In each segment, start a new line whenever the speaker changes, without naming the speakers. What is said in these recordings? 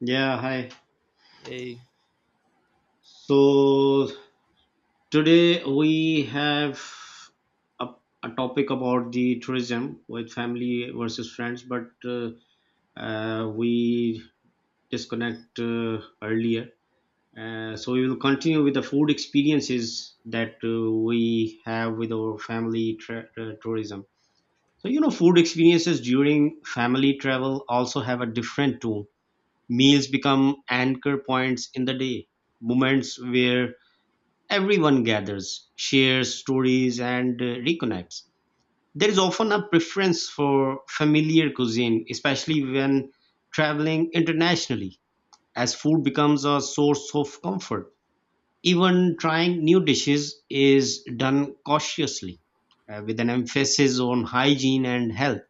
Yeah, hi.
Eh,
So today we have a, a topic about the tourism with family versus friends, but we disconnect earlier. So we will continue with the food experiences that we have with our tourism. So you know, food experiences during family travel also have a different tone. Meals become anchor points in the day, moments where everyone gathers, shares stories, and reconnects. There is often a preference for familiar cuisine, especially when traveling internationally, as food becomes a source of comfort. Even trying new dishes is done cautiously, with an emphasis on hygiene and health.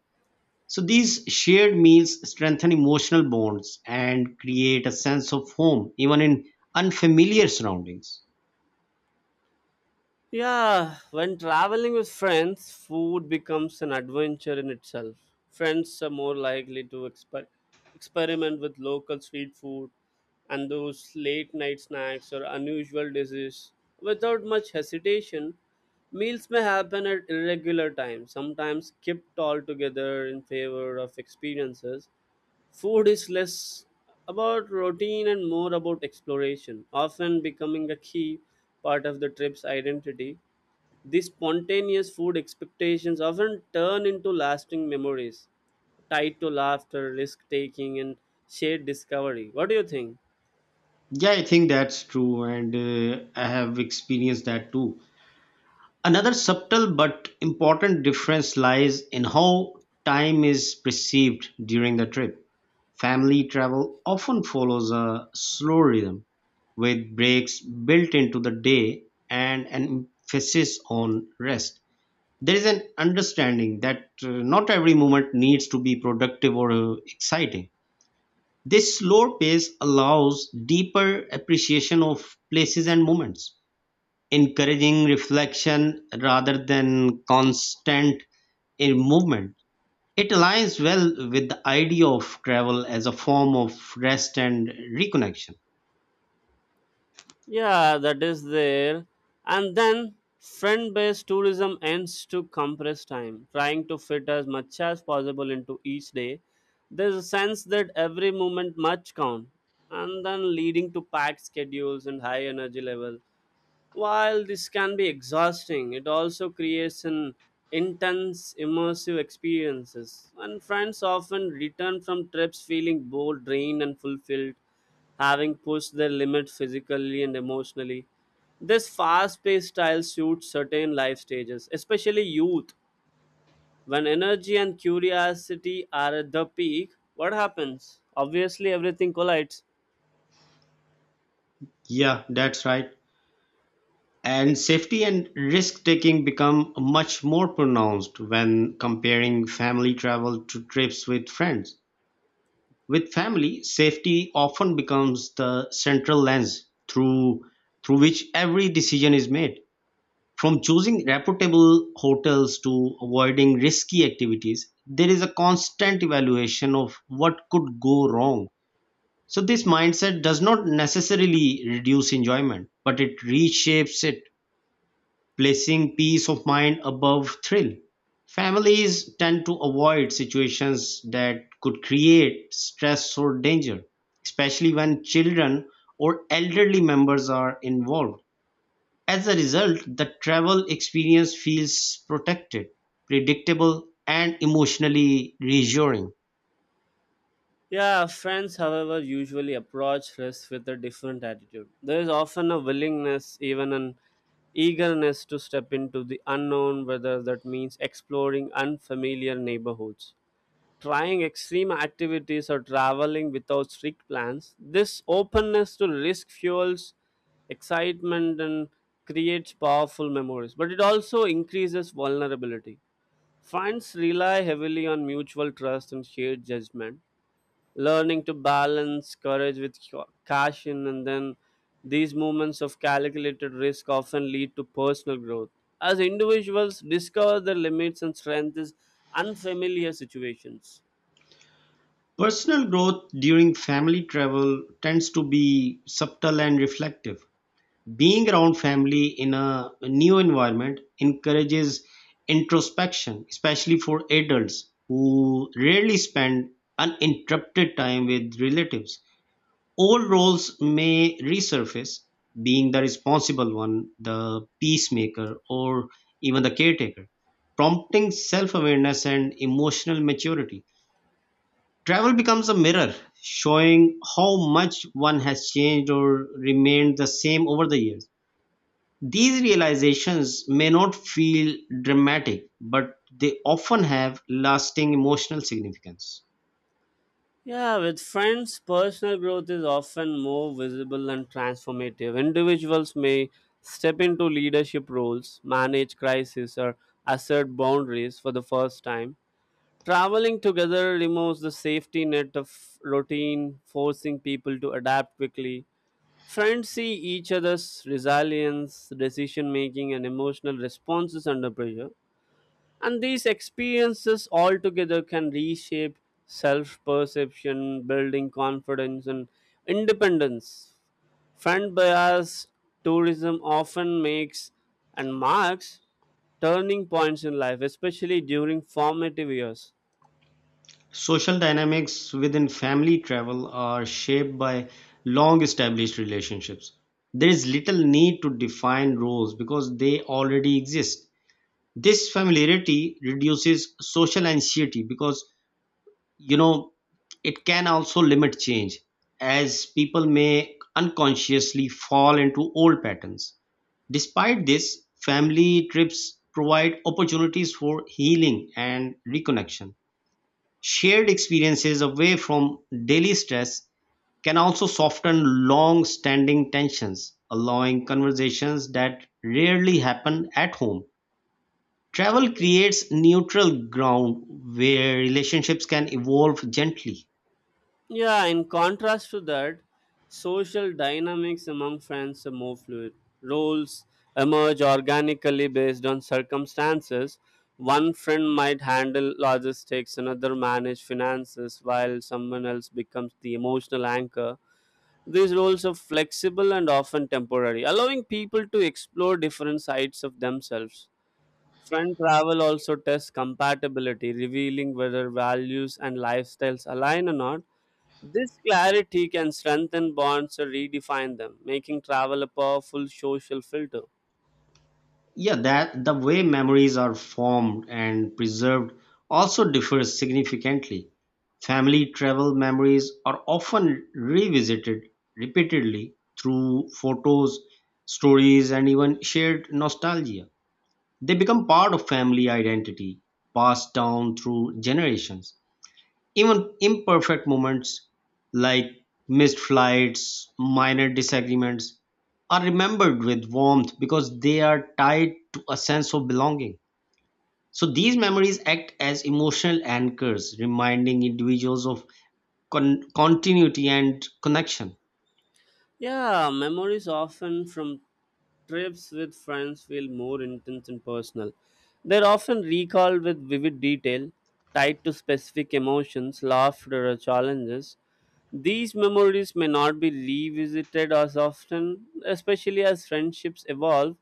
So these shared meals strengthen emotional bonds and create a sense of home, even in unfamiliar surroundings.
yeah, when traveling with friends, food becomes an adventure in itself. Friends are more likely to experiment with local street food and those late night snacks or unusual dishes. Without much hesitation, meals may happen at irregular times, sometimes skipped altogether in favor of experiences. Food is less about routine and more about exploration, often becoming a key part of the trip's identity. These spontaneous food expectations often turn into lasting memories tied to laughter, risk taking, and shared discovery. What do you think?
Yeah, I think that's true, and I have experienced that too. Another subtle but important difference lies in how time is perceived during the trip. Family travel often follows a slow rhythm with breaks built into the day and an emphasis on rest. There is an understanding that not every moment needs to be productive or exciting. This slower pace allows deeper appreciation of places and moments, encouraging reflection rather than constant in movement. It aligns well with the idea of travel as a form of rest and reconnection.
Yeah, that is there. And then friend based tourism ends to compress time, trying to fit as much as possible into each day. There's a sense that every moment must count, and then leading to packed schedules and high energy level. While this can be exhausting, it also creates an intense immersive experiences. And friends often return from trips feeling both drained and fulfilled, having pushed their limit physically and emotionally. This fast-paced style suits certain life stages, especially youth. When energy and curiosity are at the peak, what happens? Obviously everything collides.
Yeah, that's right. And safety and risk taking become much more pronounced when comparing family travel to trips with friends. With family, safety often becomes the central lens through which every decision is made. From choosing reputable hotels to avoiding risky activities, there is a constant evaluation of what could go wrong. So this mindset does not necessarily reduce enjoyment, but it reshapes it, placing peace of mind above thrill. Families tend to avoid situations that could create stress or danger, especially when children or elderly members are involved. As a result, the travel experience feels protected, predictable, and emotionally reassuring.
Yeah, friends, however, usually approach risk with a different attitude. There is often a willingness, even an eagerness to step into the unknown, whether that means exploring unfamiliar neighborhoods, trying extreme activities, or traveling without strict plans. This openness to risk fuels excitement and creates powerful memories, but it also increases vulnerability. Friends rely heavily on mutual trust and shared judgment, learning to balance courage with caution. And then these moments of calculated risk often lead to personal growth as individuals discover their limits and strength is unfamiliar situations.
Personal growth during family travel tends to be subtle and reflective. Being around family in a new environment encourages introspection, especially for adults who rarely spend uninterrupted time with relatives. Old roles may resurface, being the responsible one, the peacemaker, or even the caretaker, prompting self awareness and emotional maturity. Travel becomes a mirror, showing how much one has changed or remained the same over the years. These realizations may not feel dramatic, but they often have lasting emotional significance.
Yeah, with friends personal growth is often more visible and transformative. Individuals may step into leadership roles, manage crises, or assert boundaries for the first time. Traveling together removes the safety net of routine, forcing people to adapt quickly. Friends see each other's resilience, decision making, and emotional responses under pressure. And these experiences altogether can reshape self perception, building confidence and independence. Friend bias tourism often makes and marks turning points in life, especially during formative years.
Social dynamics within family travel are shaped by long established relationships. There is little need to define roles because they already exist. This familiarity reduces social anxiety. Because you know it can also limit change, as people may unconsciously fall into old patterns. Despite this, family trips provide opportunities for healing and reconnection. Shared experiences away from daily stress can also soften long standing tensions, allowing conversations that rarely happen at home. Travel creates neutral ground where relationships can evolve gently.
Yeah, in contrast to that, social dynamics among friends are more fluid. Roles emerge organically based on circumstances. One friend might handle logistics, another manage finances, while someone else becomes the emotional anchor. These roles are flexible and often temporary, allowing people to explore different sides of themselves. Friend travel also tests compatibility, revealing whether values and lifestyles align or not. This clarity can strengthen bonds or redefine them, making travel a powerful social filter.
Yeah, that the way memories are formed and preserved also differs significantly. Family travel memories are often revisited repeatedly through photos, stories, and even shared nostalgia. They become part of family identity, passed down through generations. Even imperfect moments, like missed flights, minor disagreements, are remembered with warmth because they are tied to a sense of belonging. So these memories act as emotional anchors, reminding individuals of continuity and connection.
Yeah, memories often from trips with friends feel more intense and personal. They're often recalled with vivid detail, tied to specific emotions, laughter, or challenges. These memories may not be revisited as often, especially as friendships evolve,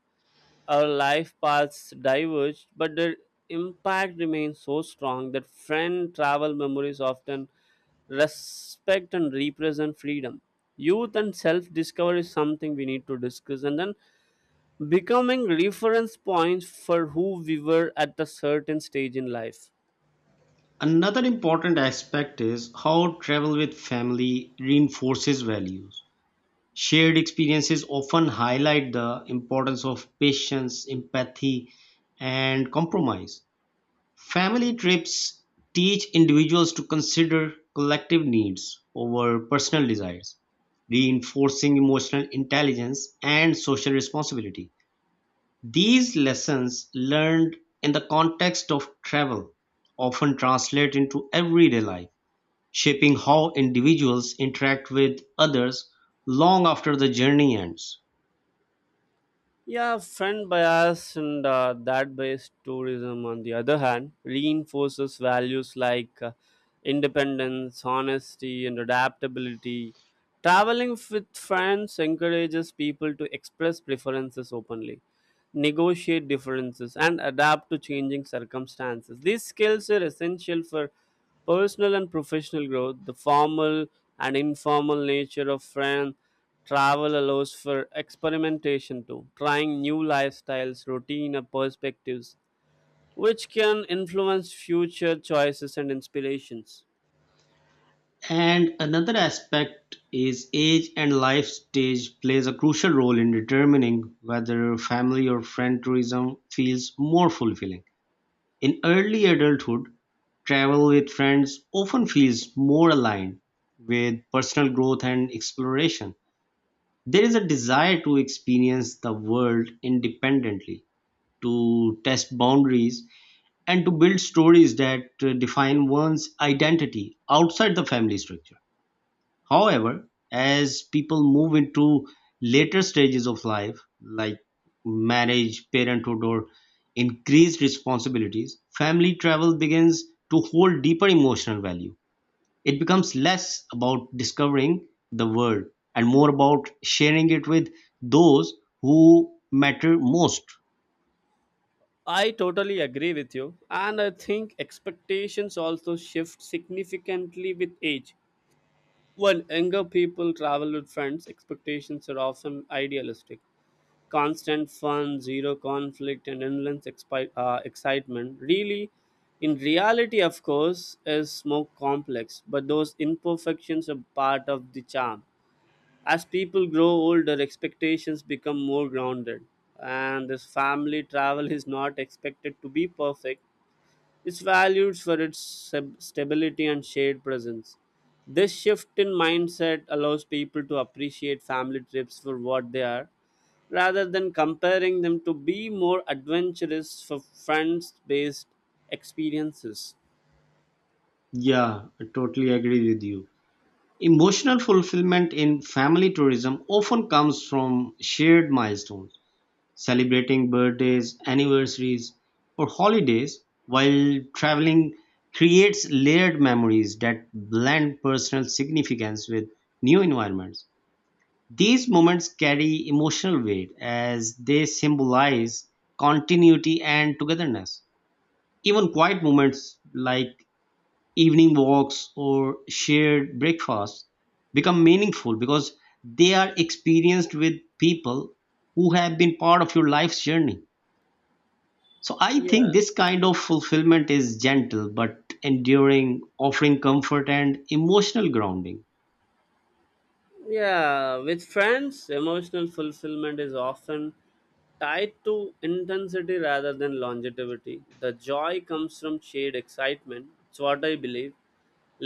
our life paths diverge, but their impact remains so strong that friend travel memories often respect and represent freedom. Youth and self discovery is something we need to discuss, and then becoming reference points for who we were at a certain stage in life.
Another important aspect is how travel with family reinforces values. Shared experiences often highlight the importance of patience, empathy, and compromise. Family trips teach individuals to consider collective needs over personal desires, reinforcing emotional intelligence and social responsibility. These lessons learned in the context of travel often translate into everyday life, shaping how individuals interact with others long after the journey ends.
Yeah, friend bias and that based tourism, on the other hand, reinforces values like independence, honesty, and adaptability. Traveling with friends encourages people to express preferences openly, negotiate differences, and adapt to changing circumstances. These skills are essential for personal and professional growth. The formal and informal nature of friend travel allows for experimentation too, trying new lifestyles, routine, or perspectives, which can influence future choices and inspirations.
And another aspect is age and life stage plays a crucial role in determining whether family or friend tourism feels more fulfilling. In early adulthood, travel with friends often feels more aligned with personal growth and exploration. There is a desire to experience the world independently, to test boundaries, and to build stories that define one's identity outside the family structure. However, as people move into later stages of life, like marriage, parenthood, or increased responsibilities, family travel begins to hold deeper emotional value. It becomes less about discovering the world and more about sharing it with those who matter most.
I totally agree with you, and I think expectations also shift significantly with age. When younger people travel with friends, expectations are often idealistic. Constant fun, zero conflict, and endless excitement. Really, in reality, of course, is more complex, but those imperfections are part of the charm. As people grow older, expectations become more grounded, and this family travel is not expected to be perfect, is valued for its stability and shared presence. This shift in mindset allows people to appreciate family trips for what they are rather than comparing them to be more adventurous for friends based experiences.
Yeah, I totally agree with you. Emotional fulfillment in family tourism often comes from shared milestones. Celebrating birthdays, anniversaries, or holidays while traveling creates layered memories that blend personal significance with new environments. These moments carry emotional weight as they symbolize continuity and togetherness. Even quiet moments like evening walks or shared breakfasts become meaningful because they are experienced with people who have been part of your life's journey. So I think
Yeah,
this kind of fulfillment is gentle but enduring, offering comfort and emotional grounding.
yeah, with friends, emotional fulfillment is often tied to intensity rather than longevity. The joy comes from shared excitement. It's what I believe.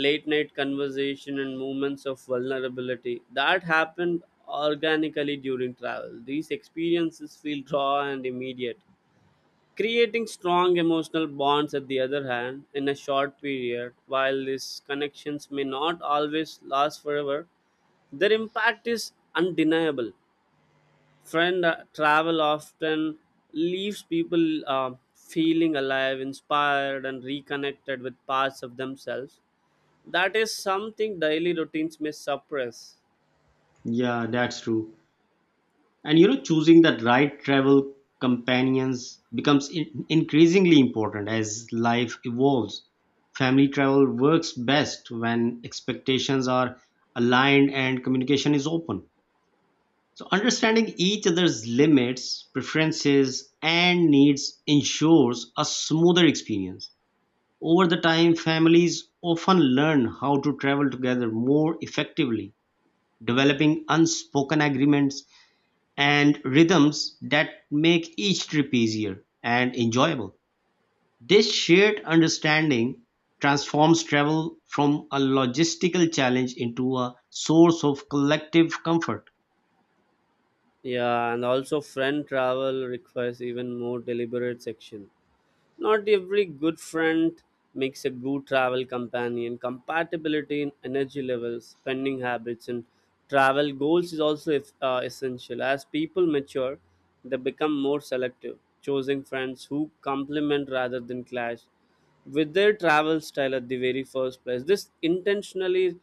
Late night conversation and moments of vulnerability that happened organically during travel, these experiences feel raw and immediate, creating strong emotional bonds at the other hand in a short period. While these connections may not always last forever, their impact is undeniable. Friend travel often leaves people feeling alive, inspired, and reconnected with parts of themselves that is something daily routines may suppress.
Yeah, that's true. And you know, choosing that right travel companions becomes increasingly important as life evolves. Family travel works best when expectations are aligned and communication is open. So, understanding each other's limits, preferences, and needs ensures a smoother experience. Over the time, families often learn how to travel together more effectively, developing unspoken agreements and rhythms that make each trip easier and enjoyable. This shared understanding transforms travel from a logistical challenge into a source of collective comfort.
Yeah, and also friend travel requires even more deliberate section. Not every good friend makes a good travel companion. Compatibility in energy levels, spending habits, and travel goals is also essential. As people mature, they become more selective, choosing friends who complement rather than clash with their travel style at the very first place. This intentionally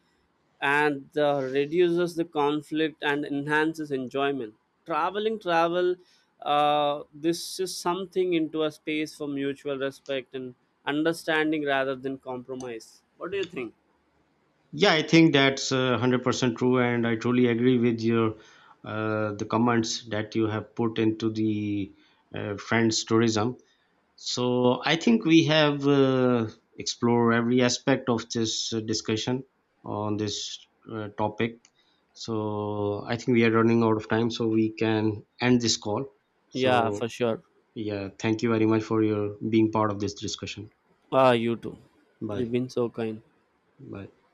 and reduces the conflict and enhances enjoyment. Traveling travel, this is something into a space for mutual respect and understanding rather than compromise. What do you think?
Yeah, I think that's 100% true, and I truly agree with your the comments that you have put into the friends tourism. So I think we have explored every aspect of this discussion on this topic. So I think we are running out of time, so we can end this call.
Yeah,
So
for sure.
yeah, thank you very much for your being part of this discussion.
Ah, you too. You've
Bye.
been so kind.
Bye.